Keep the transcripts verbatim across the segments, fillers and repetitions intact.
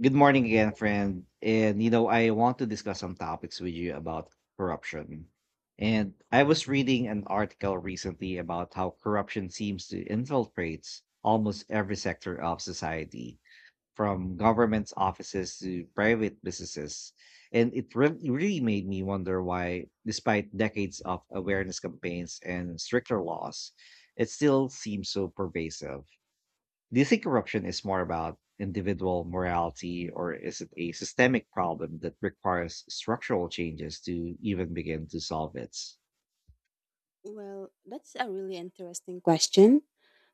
Good morning again, friend. And you know, I want to discuss some topics with you about corruption. And I was reading an article recently about how corruption seems to infiltrate almost every sector of society, from government offices to private businesses. And it re- really made me wonder why, despite decades of awareness campaigns and stricter laws, it still seems so pervasive. Do you think corruption is more about individual morality or is it a systemic problem that requires structural changes to even begin to solve it? Well, that's a really interesting question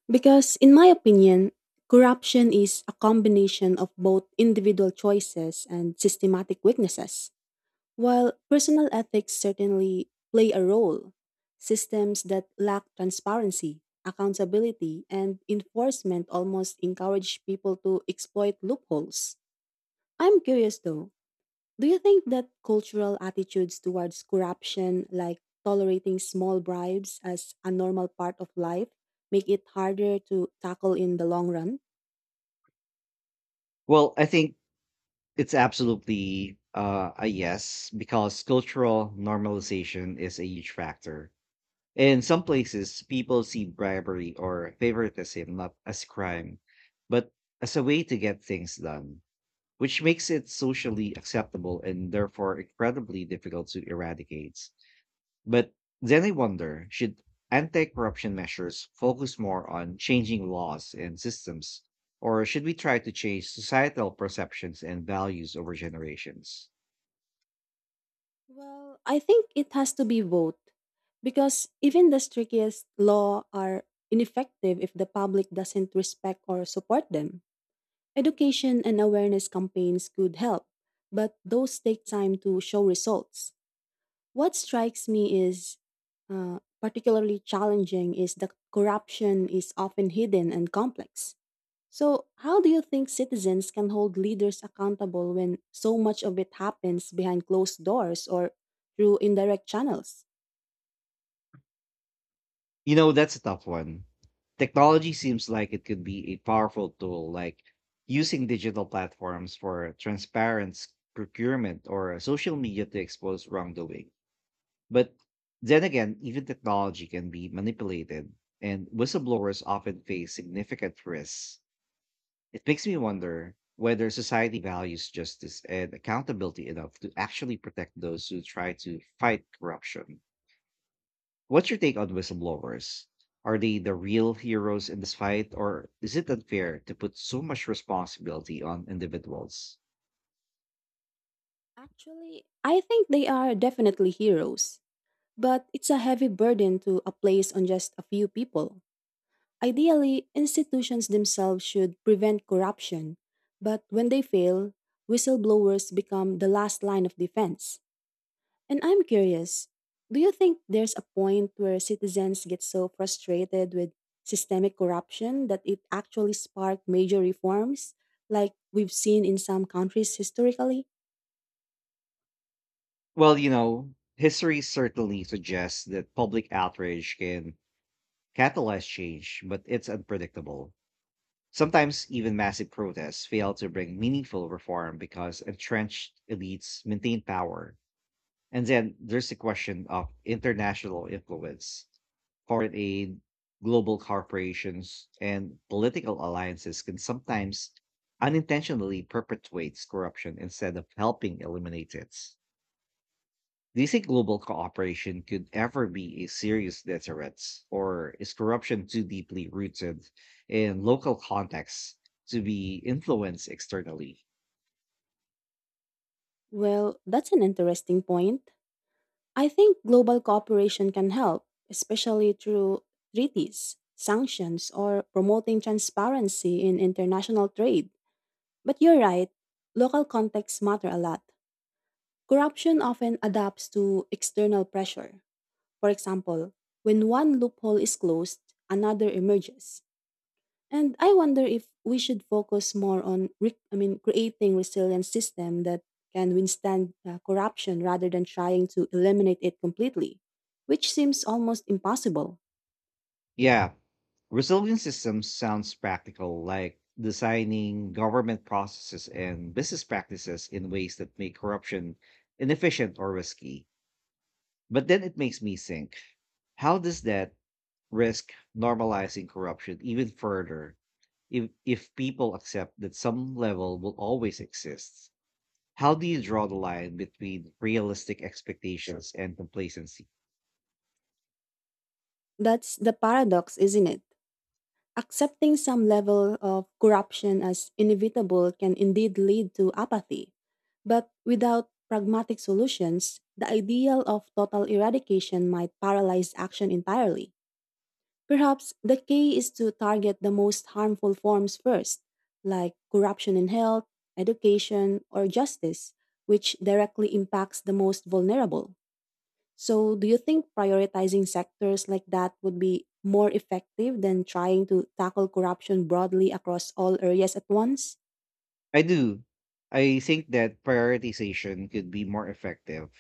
because, in my opinion, corruption is a combination of both individual choices and systematic weaknesses. While personal ethics certainly play a role, systems that lack transparency, accountability, and enforcement almost encourage people to exploit loopholes. I'm curious though, do you think that cultural attitudes towards corruption, like tolerating small bribes as a normal part of life, make it harder to tackle in the long run? Well, I think it's absolutely uh, a yes because cultural normalization is a huge factor. In some places, people see bribery or favoritism not as crime, but as a way to get things done, which makes it socially acceptable and therefore incredibly difficult to eradicate. But then I wonder, should anti corruption measures focus more on changing laws and systems, or should we try to change societal perceptions and values over generations? Well, I think it has to be both. Because even the strictest law are ineffective if the public doesn't respect or support them. Education and awareness campaigns could help, but those take time to show results. What strikes me is uh, particularly challenging is that corruption is often hidden and complex. So, how do you think citizens can hold leaders accountable when so much of it happens behind closed doors or through indirect channels? You know, that's a tough one. Technology seems like it could be a powerful tool, like using digital platforms for transparent s- procurement or social media to expose wrongdoing. But then again, even technology can be manipulated, and whistleblowers often face significant risks. It makes me wonder whether society values justice and accountability enough to actually protect those who try to fight corruption. What's your take on whistleblowers? Are they the real heroes in this fight, or is it unfair to put so much responsibility on individuals? Actually, I think they are definitely heroes, but it's a heavy burden to a place on just a few people. Ideally, institutions themselves should prevent corruption, but when they fail, whistleblowers become the last line of defense. And I'm curious, do you think there's a point where citizens get so frustrated with systemic corruption that it actually sparks major reforms, like we've seen in some countries historically? Well, you know, history certainly suggests that public outrage can catalyze change, but it's unpredictable. Sometimes even massive protests fail to bring meaningful reform because entrenched elites maintain power. And then there's the question of international influence. Foreign aid, global corporations, and political alliances can sometimes unintentionally perpetuate corruption instead of helping eliminate it. Do you think global cooperation could ever be a serious deterrent, or is corruption too deeply rooted in local contexts to be influenced externally? Well, that's an interesting point. I think global cooperation can help, especially through treaties, sanctions, or promoting transparency in international trade. But you're right, local contexts matter a lot. Corruption often adapts to external pressure. For example, when one loophole is closed, another emerges. And I wonder if we should focus more on, re- I mean, creating resilient system that can withstand uh, corruption rather than trying to eliminate it completely, which seems almost impossible. Yeah, resilient systems sounds practical, like designing government processes and business practices in ways that make corruption inefficient or risky. But then it makes me think, how does that risk normalizing corruption even further if if people accept that some level will always exist? How do you draw the line between realistic expectations and complacency? That's the paradox, isn't it? Accepting some level of corruption as inevitable can indeed lead to apathy. But without pragmatic solutions, the ideal of total eradication might paralyze action entirely. Perhaps the key is to target the most harmful forms first, like corruption in health, education, or justice, which directly impacts the most vulnerable. So, do you think prioritizing sectors like that would be more effective than trying to tackle corruption broadly across all areas at once? I do. I think that prioritization could be more effective.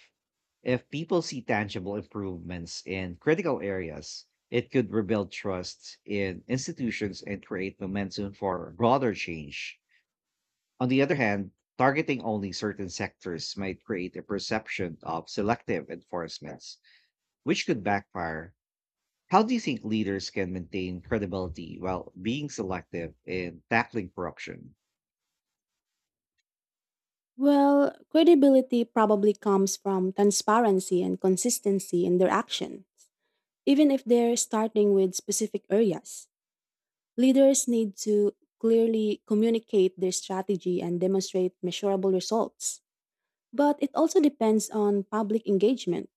If people see tangible improvements in critical areas, it could rebuild trust in institutions and create momentum for broader change. On the other hand, targeting only certain sectors might create a perception of selective enforcements, which could backfire. How do you think leaders can maintain credibility while being selective in tackling corruption? Well, credibility probably comes from transparency and consistency in their action, even if they're starting with specific areas. Leaders need to clearly communicate their strategy and demonstrate measurable results. But it also depends on public engagement.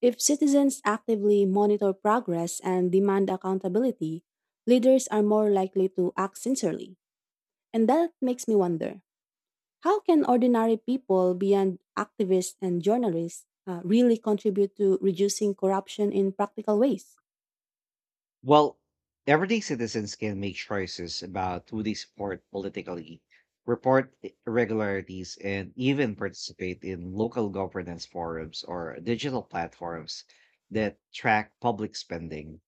If citizens actively monitor progress and demand accountability, leaders are more likely to act sincerely. And that makes me wonder, how can ordinary people, beyond activists and journalists, uh, really contribute to reducing corruption in practical ways? Well, everyday citizens can make choices about who they support politically, report irregularities, and even participate in local governance forums or digital platforms that track public spending.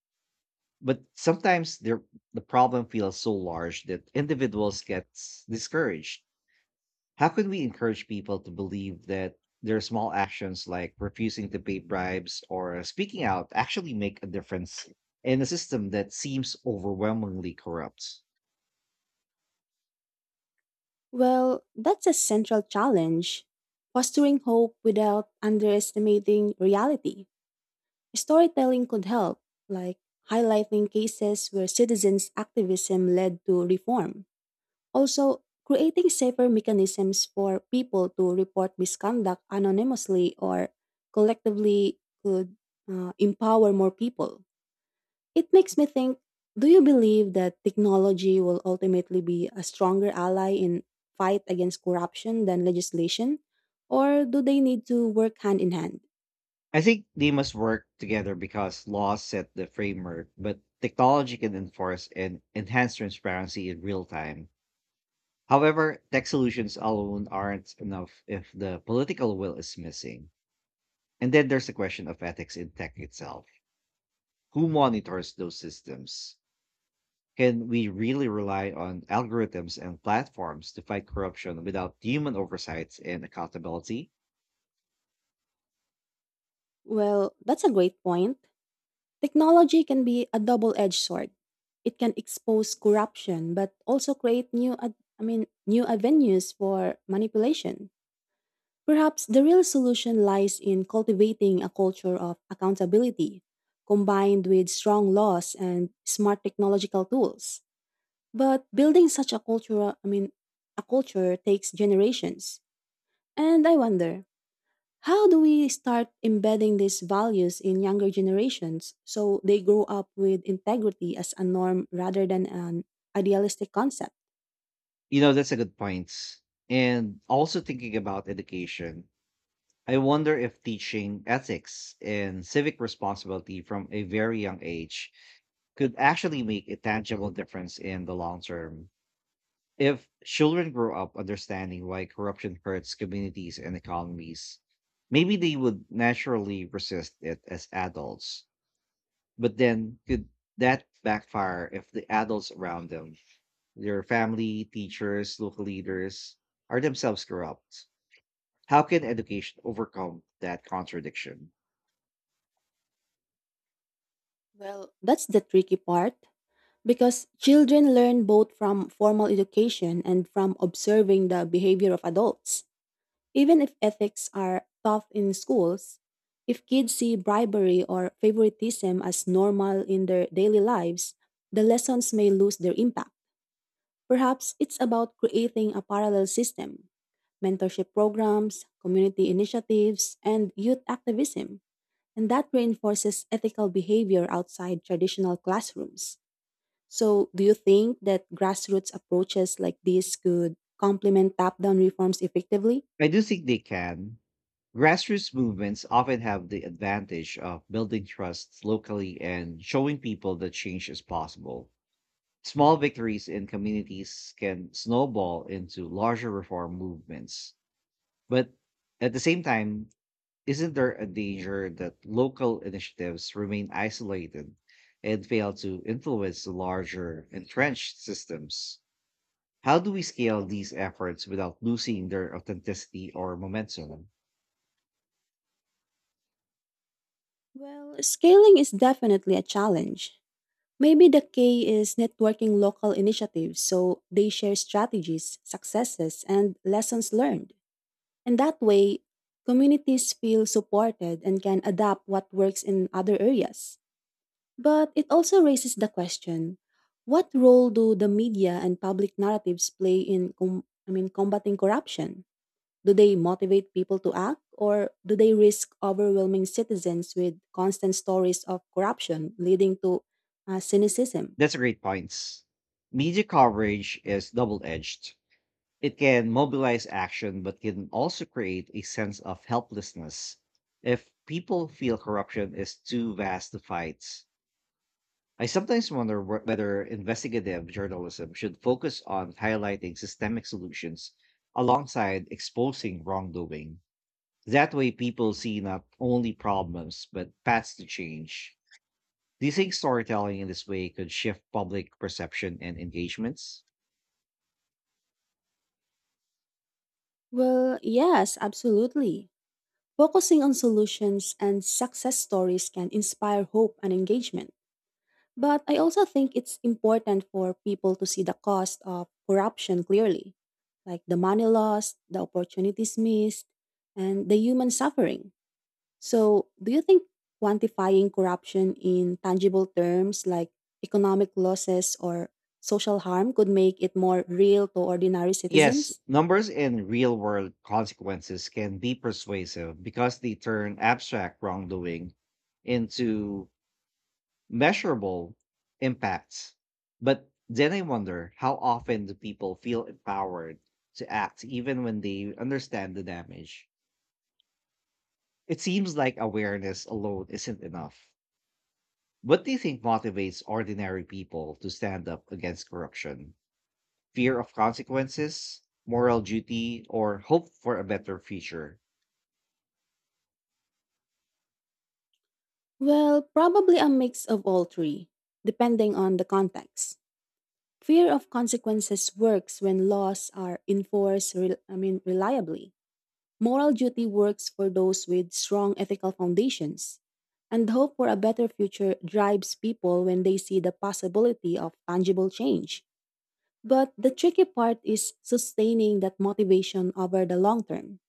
But sometimes there, the problem feels so large that individuals get discouraged. How can we encourage people to believe that their small actions like refusing to pay bribes or speaking out actually make a difference in a system that seems overwhelmingly corrupt? Well, that's a central challenge. Fostering hope without underestimating reality. Storytelling could help, like highlighting cases where citizens' activism led to reform. Also, creating safer mechanisms for people to report misconduct anonymously or collectively could uh, empower more people. It makes me think, do you believe that technology will ultimately be a stronger ally in fight against corruption than legislation, or do they need to work hand in hand? I think they must work together because laws set the framework, but technology can enforce and enhance transparency in real time. However, tech solutions alone aren't enough if the political will is missing. And then there's the question of ethics in tech itself. Who monitors those systems? Can we really rely on algorithms and platforms to fight corruption without human oversight and accountability? Well, that's a great point. Technology can be a double-edged sword. It can expose corruption but also create new ad- I mean new avenues for manipulation. Perhaps the real solution lies in cultivating a culture of accountability, combined with strong laws and smart technological tools. But building such a culture, I mean, a culture takes generations. And I wonder, how do we start embedding these values in younger generations so they grow up with integrity as a norm rather than an idealistic concept? You know, that's a good point. And also thinking about education, I wonder if teaching ethics and civic responsibility from a very young age could actually make a tangible difference in the long term. If children grow up understanding why corruption hurts communities and economies, maybe they would naturally resist it as adults. But then, could that backfire if the adults around them, their family, teachers, local leaders, are themselves corrupt? How can education overcome that contradiction? Well, that's the tricky part. Because children learn both from formal education and from observing the behavior of adults. Even if ethics are taught in schools, if kids see bribery or favoritism as normal in their daily lives, the lessons may lose their impact. Perhaps it's about creating a parallel system: mentorship programs, community initiatives, and youth activism. And that reinforces ethical behavior outside traditional classrooms. So, do you think that grassroots approaches like this could complement top down reforms effectively? I do think they can. Grassroots movements often have the advantage of building trust locally and showing people that change is possible. Small victories in communities can snowball into larger reform movements. But at the same time, isn't there a danger that local initiatives remain isolated and fail to influence the larger entrenched systems? How do we scale these efforts without losing their authenticity or momentum? Well, scaling is definitely a challenge. Maybe the key is networking local initiatives so they share strategies, successes, and lessons learned. And that way, communities feel supported and can adapt what works in other areas. But it also raises the question, what role do the media and public narratives play in com- I mean combating corruption? Do they motivate people to act, or do they risk overwhelming citizens with constant stories of corruption leading to uh, cynicism? That's a great point. Media coverage is double edged. It can mobilize action, but can also create a sense of helplessness if people feel corruption is too vast to fight. I sometimes wonder wh- whether investigative journalism should focus on highlighting systemic solutions alongside exposing wrongdoing. That way, people see not only problems, but paths to change. Do you think storytelling in this way could shift public perception and engagements? Well, yes, absolutely. Focusing on solutions and success stories can inspire hope and engagement. But I also think it's important for people to see the cost of corruption clearly, like the money lost, the opportunities missed, and the human suffering. So, do you think quantifying corruption in tangible terms like economic losses or social harm could make it more real to ordinary Yes, citizens? numbers and real world consequences can be persuasive because they turn abstract wrongdoing into measurable impacts. But then I wonder, how often do people feel empowered to act even when they understand the damage? It seems like awareness alone isn't enough. What do you think motivates ordinary people to stand up against corruption? Fear of consequences, moral duty, or hope for a better future? Well, probably a mix of all three, depending on the context. Fear of consequences works when laws are enforced rel- I mean reliably. Moral duty works for those with strong ethical foundations. And hope for a better future drives people when they see the possibility of tangible change. But the tricky part is sustaining that motivation over the long term.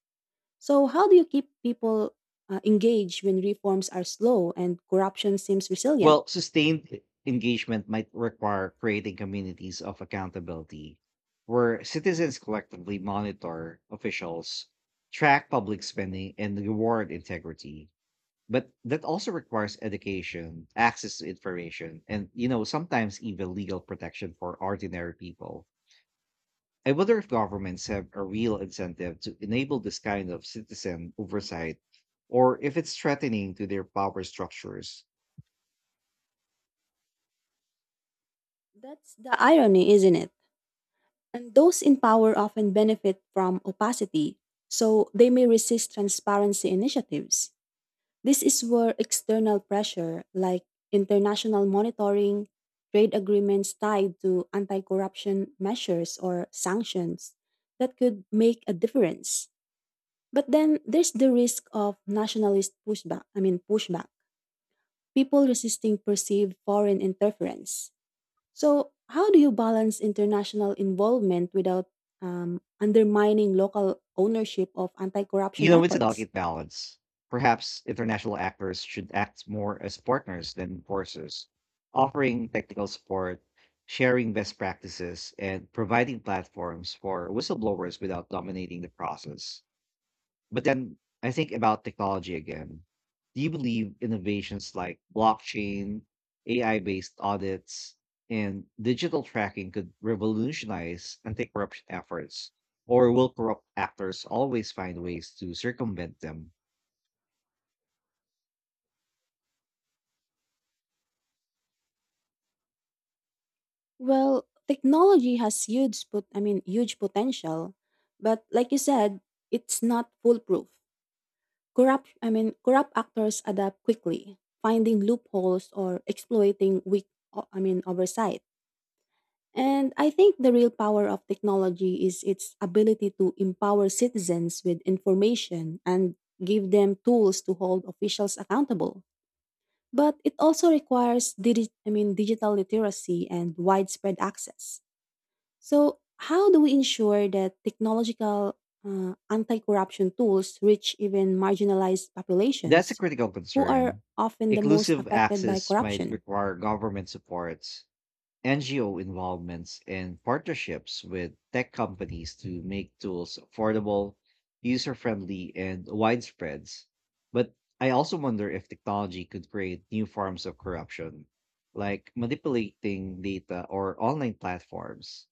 So, how do you keep people uh, engaged when reforms are slow and corruption seems resilient? Well, sustained e- engagement might require creating communities of accountability where citizens collectively monitor officials, track public spending, and reward integrity. But that also requires education, access to information, and you know, sometimes even legal protection for ordinary people. I wonder if governments have a real incentive to enable this kind of citizen oversight or if it's threatening to their power structures. That's the irony, isn't it? And those in power often benefit from opacity, so they may resist transparency initiatives. This is where external pressure, like international monitoring, trade agreements tied to anti corruption measures or sanctions, that could make a difference. But then there's the risk of nationalist pushback, I mean, pushback, people resisting perceived foreign interference. So, how do you balance international involvement without um, undermining local ownership of anti You corruption know, it's a efforts? delicate balance. Perhaps international actors should act more as partners than enforcers, offering technical support, sharing best practices, and providing platforms for whistleblowers without dominating the process. But then I think about technology again. Do you believe innovations like blockchain, A I based audits, and digital tracking could revolutionize anti corruption efforts? Or will corrupt actors always find ways to circumvent them? Well, technology has huge put I mean huge potential, but like you said, it's not foolproof. Corrupt I mean Corrupt actors adapt quickly, finding loopholes or exploiting weak o- I mean oversight. And I think the real power of technology is its ability to empower citizens with information and give them tools to hold officials accountable. But it also requires digi- I mean digital literacy and widespread access. So, how do we ensure that technological uh, anti corruption tools reach even marginalized That's a populations critical who are concern. often the most Inclusive affected by access might corruption? require government supports, N G O involvements and partnerships with tech companies to make tools affordable, user friendly, and widespread. But I also wonder if technology could create new forms of corruption, like manipulating data or online platforms.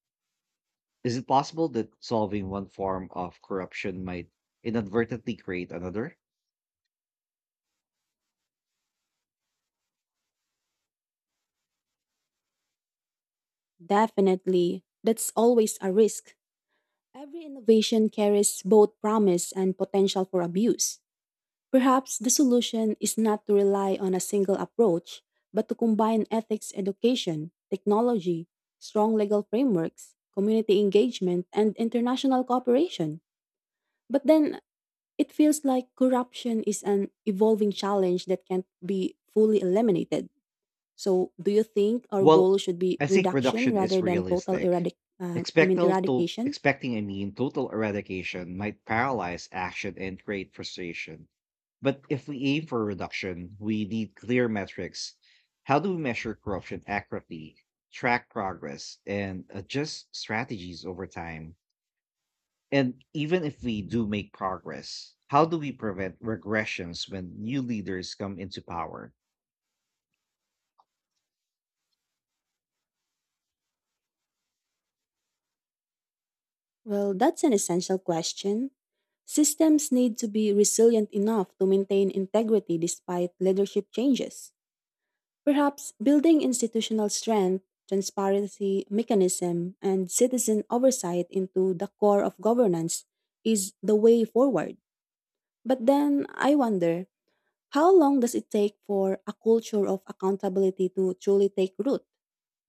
Is it possible that solving one form of corruption might inadvertently create another? Definitely, that's always a risk. Every innovation carries both promise and potential for abuse. Perhaps the solution is not to rely on a single approach, but to combine ethics education, technology, strong legal frameworks, community engagement, and international cooperation. But then it feels like corruption is an evolving challenge that can't be fully eliminated. So, do you think our Well, goal should be I think reduction reduction is rather than total realistic. eradic? Uh, I mean, Expectal to eradication. expecting, I mean, total eradication might paralyze action and create frustration. But if we aim for reduction, we need clear metrics. How do we measure corruption accurately, track progress, and adjust strategies over time? And even if we do make progress, how do we prevent regressions when new leaders come into power? Well, that's an essential question. Systems need to be resilient enough to maintain integrity despite leadership changes. Perhaps building institutional strength, transparency mechanism, and citizen oversight into the core of governance is the way forward. But then I wonder, how long does it take for a culture of accountability to truly take root?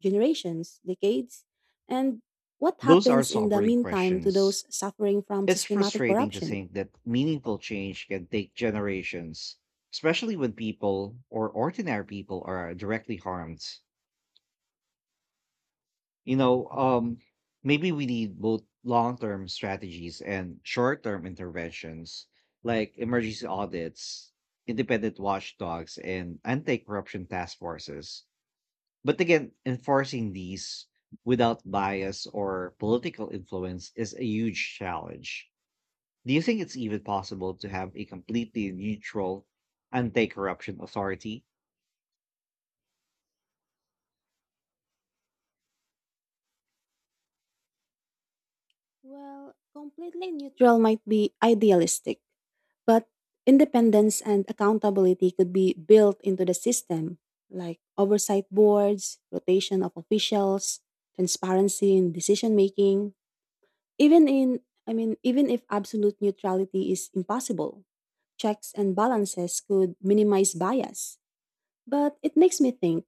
Generations, decades? And what Those are happens in the sobering meantime to questions. those suffering from It's systematic frustrating to corruption? think that meaningful change can take generations, especially when people or ordinary people are directly harmed. You know, um, maybe we need both long term strategies and short term interventions like emergency audits, independent watchdogs, and anti corruption task forces. But again, enforcing these without bias or political influence is a huge challenge. Do you think it's even possible to have a completely neutral anti corruption authority? Well, completely neutral might be idealistic, but independence and accountability could be built into the system, like oversight boards, rotation of officials, transparency in decision making. Even in, I mean, Even if absolute neutrality is impossible, checks and balances could minimize bias. But it makes me think,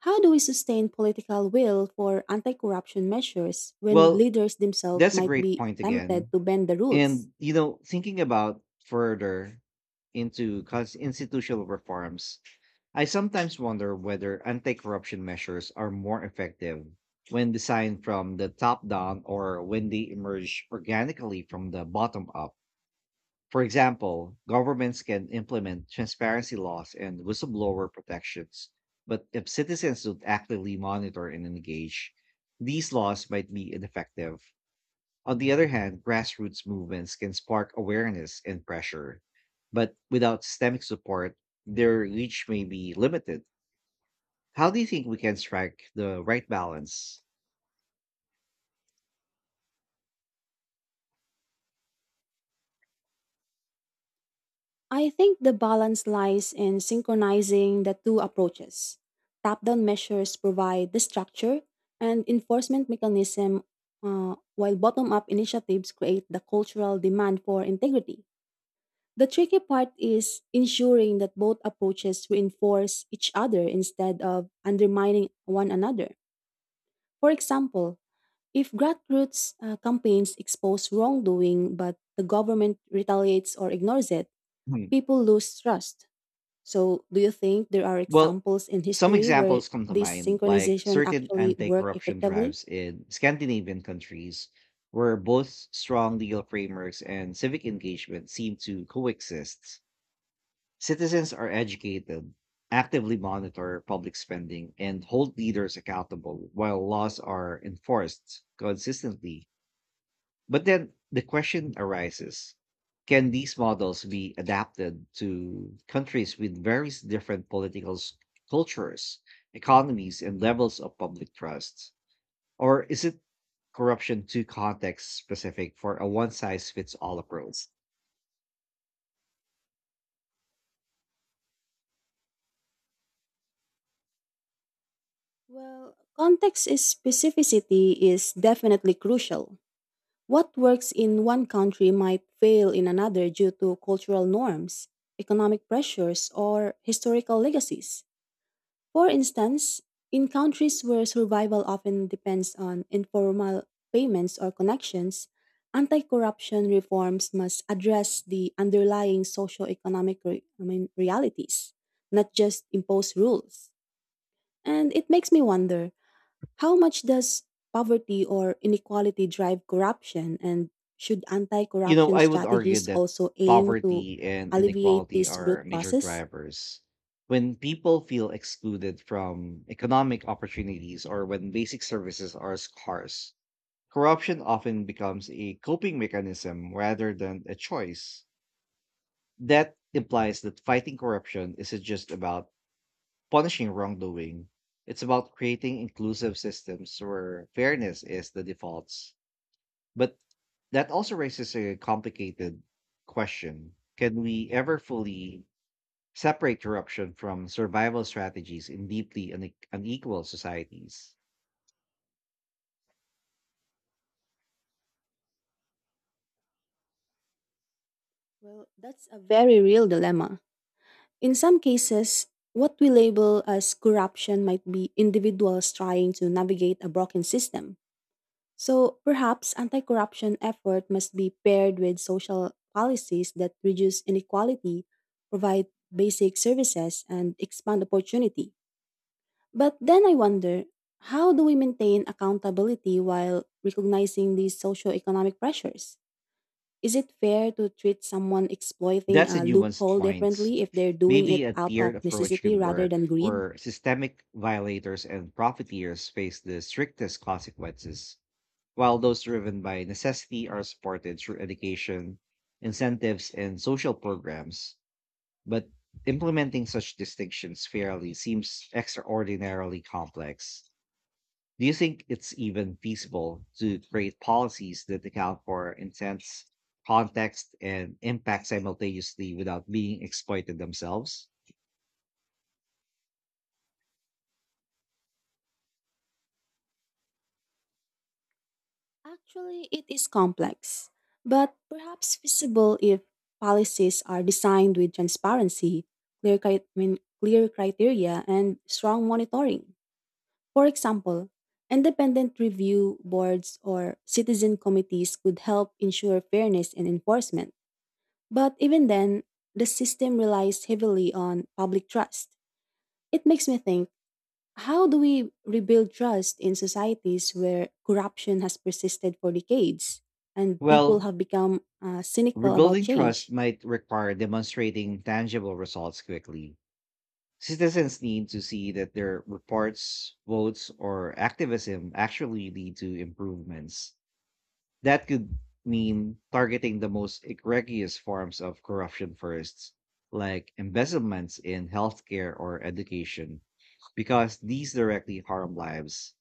how do we sustain political will for anti corruption measures when Well, leaders themselves that's a might great be point tempted again. to bend the rules? And, you know, thinking about further into cons- institutional reforms, I sometimes wonder whether anti corruption measures are more effective when designed from the top down or when they emerge organically from the bottom up. For example, governments can implement transparency laws and whistleblower protections, but if citizens don't actively monitor and engage, these laws might be ineffective. On the other hand, grassroots movements can spark awareness and pressure, but without systemic support, their reach may be limited. How do you think we can strike the right balance? I think the balance lies in synchronizing the two approaches. Top down measures provide the structure and enforcement mechanism, uh, while bottom up initiatives create the cultural demand for integrity. The tricky part is ensuring that both approaches reinforce each other instead of undermining one another. For example, if grassroots uh, campaigns expose wrongdoing but the government retaliates or ignores it, Hmm. people lose trust. So, do you think there are Well, examples in some history where examples come to this mind, like synchronization certain actually worked anti-corruption effectively? drives in Scandinavian countries, where both strong legal frameworks and civic engagement seem to coexist. Citizens are educated, actively monitor public spending, and hold leaders accountable while laws are enforced consistently. But then the question arises, can these models be adapted to countries with various different political s- cultures, economies, and levels of public trust? Or is it corruption too context specific for a one size fits all approach? Well, context is specificity is definitely crucial. What works in one country might fail in another due to cultural norms, economic pressures, or historical legacies. For instance, in countries where survival often depends on informal payments or connections, anti corruption reforms must address the underlying socio-economic re- I mean, realities, not just impose rules. And it makes me wonder, how much does poverty or inequality drive corruption? And should anti You know, corruption I would argue strategies that also aim to poverty and alleviate inequality these are root major causes? drivers. When people feel excluded from economic opportunities or when basic services are scarce, corruption often becomes a coping mechanism rather than a choice. That implies that fighting corruption isn't just about punishing wrongdoing, it's about creating inclusive systems where fairness is the default. But that also raises a complicated question. Can we ever fully separate corruption from survival strategies in deeply une- unequal societies? Well, that's a very real dilemma. In some cases, what we label as corruption might be individuals trying to navigate a broken system. So perhaps anti corruption effort must be paired with social policies that reduce inequality, provide basic services, and expand opportunity. But then I wonder, how do we maintain accountability while recognizing these socioeconomic pressures? Is it fair to treat someone exploiting That's a a nuanced loophole point. differently if they're doing Maybe it a out tiered of approach necessity could rather work, than greed? where systemic violators and profiteers face the strictest consequences, while those driven by necessity are supported through education, incentives, and social programs. But implementing such distinctions fairly seems extraordinarily complex. Do you think it's even feasible to create policies that account for intense context, and impact simultaneously without being exploited themselves? Actually, it is complex, but perhaps feasible if policies are designed with transparency, clear, cri- I mean, clear criteria, and strong monitoring. For example, independent review boards or citizen committees could help ensure fairness and enforcement. But even then, the system relies heavily on public trust. It makes me think, how do we rebuild trust in societies where corruption has persisted for decades and people Well, have become uh, cynical about rebuilding trust change? might require demonstrating tangible results quickly. Citizens need to see that their reports, votes, or activism actually lead to improvements. That could mean targeting the most egregious forms of corruption first, like embezzlements in healthcare or education, because these directly harm lives.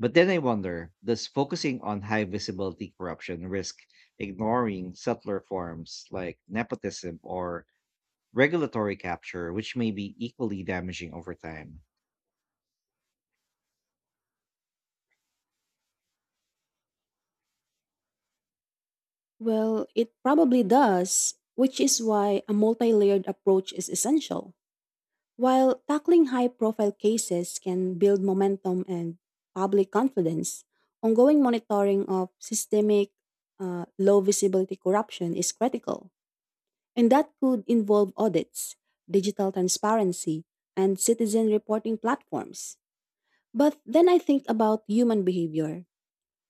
But then I wonder, does focusing on high visibility corruption risk ignoring subtler forms like nepotism or regulatory capture, which may be equally damaging over time? Well, it probably does, which is why a multi layered approach is essential. While tackling high profile cases can build momentum and public confidence, ongoing monitoring of systemic, uh, low visibility corruption is critical. And that could involve audits, digital transparency, and citizen reporting platforms. But then I think about human behavior.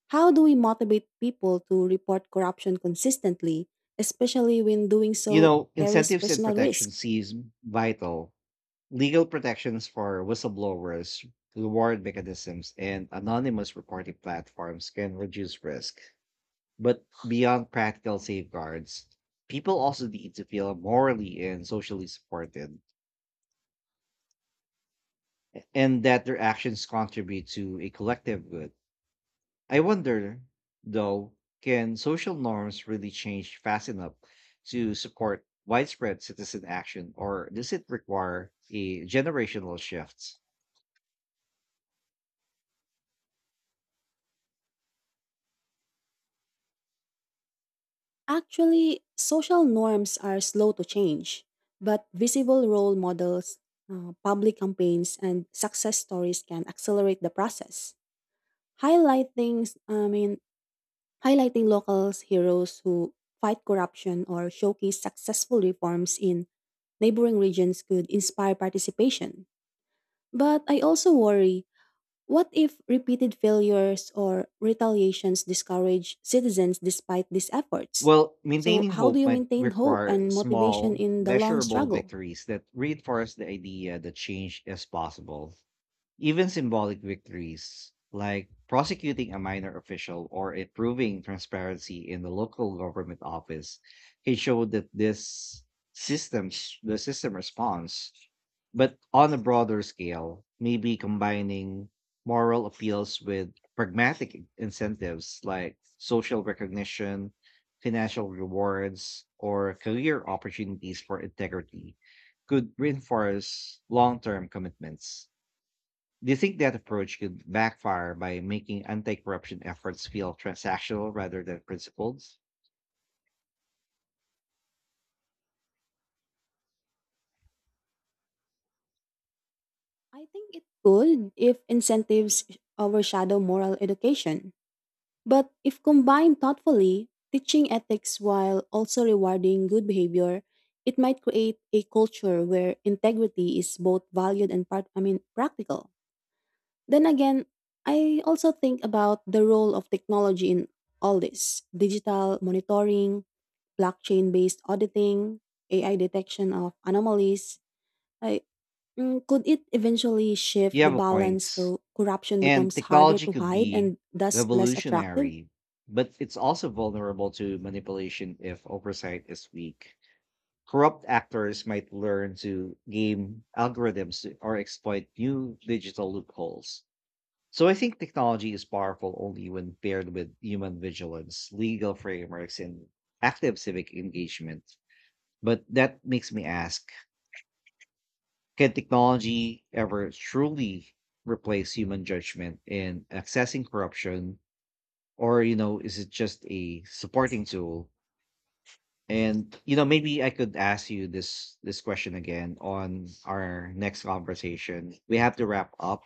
How do we motivate people to report corruption consistently, especially when doing You so know, carries incentives and personal protection risk? seem vital, legal protections for whistleblowers, reward mechanisms, and anonymous reporting platforms can reduce risk. But beyond practical safeguards, people also need to feel morally and socially supported, and that their actions contribute to a collective good. I wonder, though, can social norms really change fast enough to support widespread citizen action, or does it require a generational shift? Actually, social norms are slow to change, but visible role models, uh, public campaigns, and success stories can accelerate the process. Highlighting, I mean, highlighting local heroes who fight corruption or showcase successful reforms in neighboring regions could inspire participation. But I also worry, what if repeated failures or retaliations discourage citizens despite these efforts? Well, So, maintaining how do hope you might maintain hope require and motivation small, in the long measurable struggle? victories that reinforce the idea that change is possible. Even symbolic victories, like prosecuting a minor official or improving transparency in the local government office, can show that this systems the system responds. But on a broader scale, maybe combining moral appeals with pragmatic incentives like social recognition, financial rewards, or career opportunities for integrity could reinforce long term commitments. Do you think that approach could backfire by making anti corruption efforts feel transactional rather than principled? I think it could if incentives overshadow moral education. But if combined thoughtfully, teaching ethics while also rewarding good behavior, it might create a culture where integrity is both valued and part I mean practical. Then again, I also think about the role of technology in all this: digital monitoring, blockchain based auditing, A I detection of anomalies. I, mm, could it eventually You shift the have a balance point. so corruption And becomes harder technology to could hide be and thus less attractive? revolutionary, but it's also vulnerable to manipulation if oversight is weak. Corrupt actors might learn to game algorithms to- or exploit new digital loopholes. So I think technology is powerful only when paired with human vigilance, legal frameworks, and active civic engagement. But that makes me ask, can technology ever truly replace human judgment in accessing corruption? Or, you know, is it just a supporting tool? And you know, maybe I could ask you this this question again on our next conversation. We have to wrap up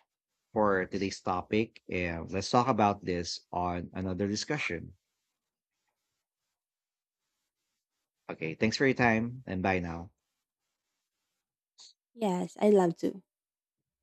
for today's topic. And let's talk about this on another discussion. Okay, thanks for your time and bye now. Yes, I love to.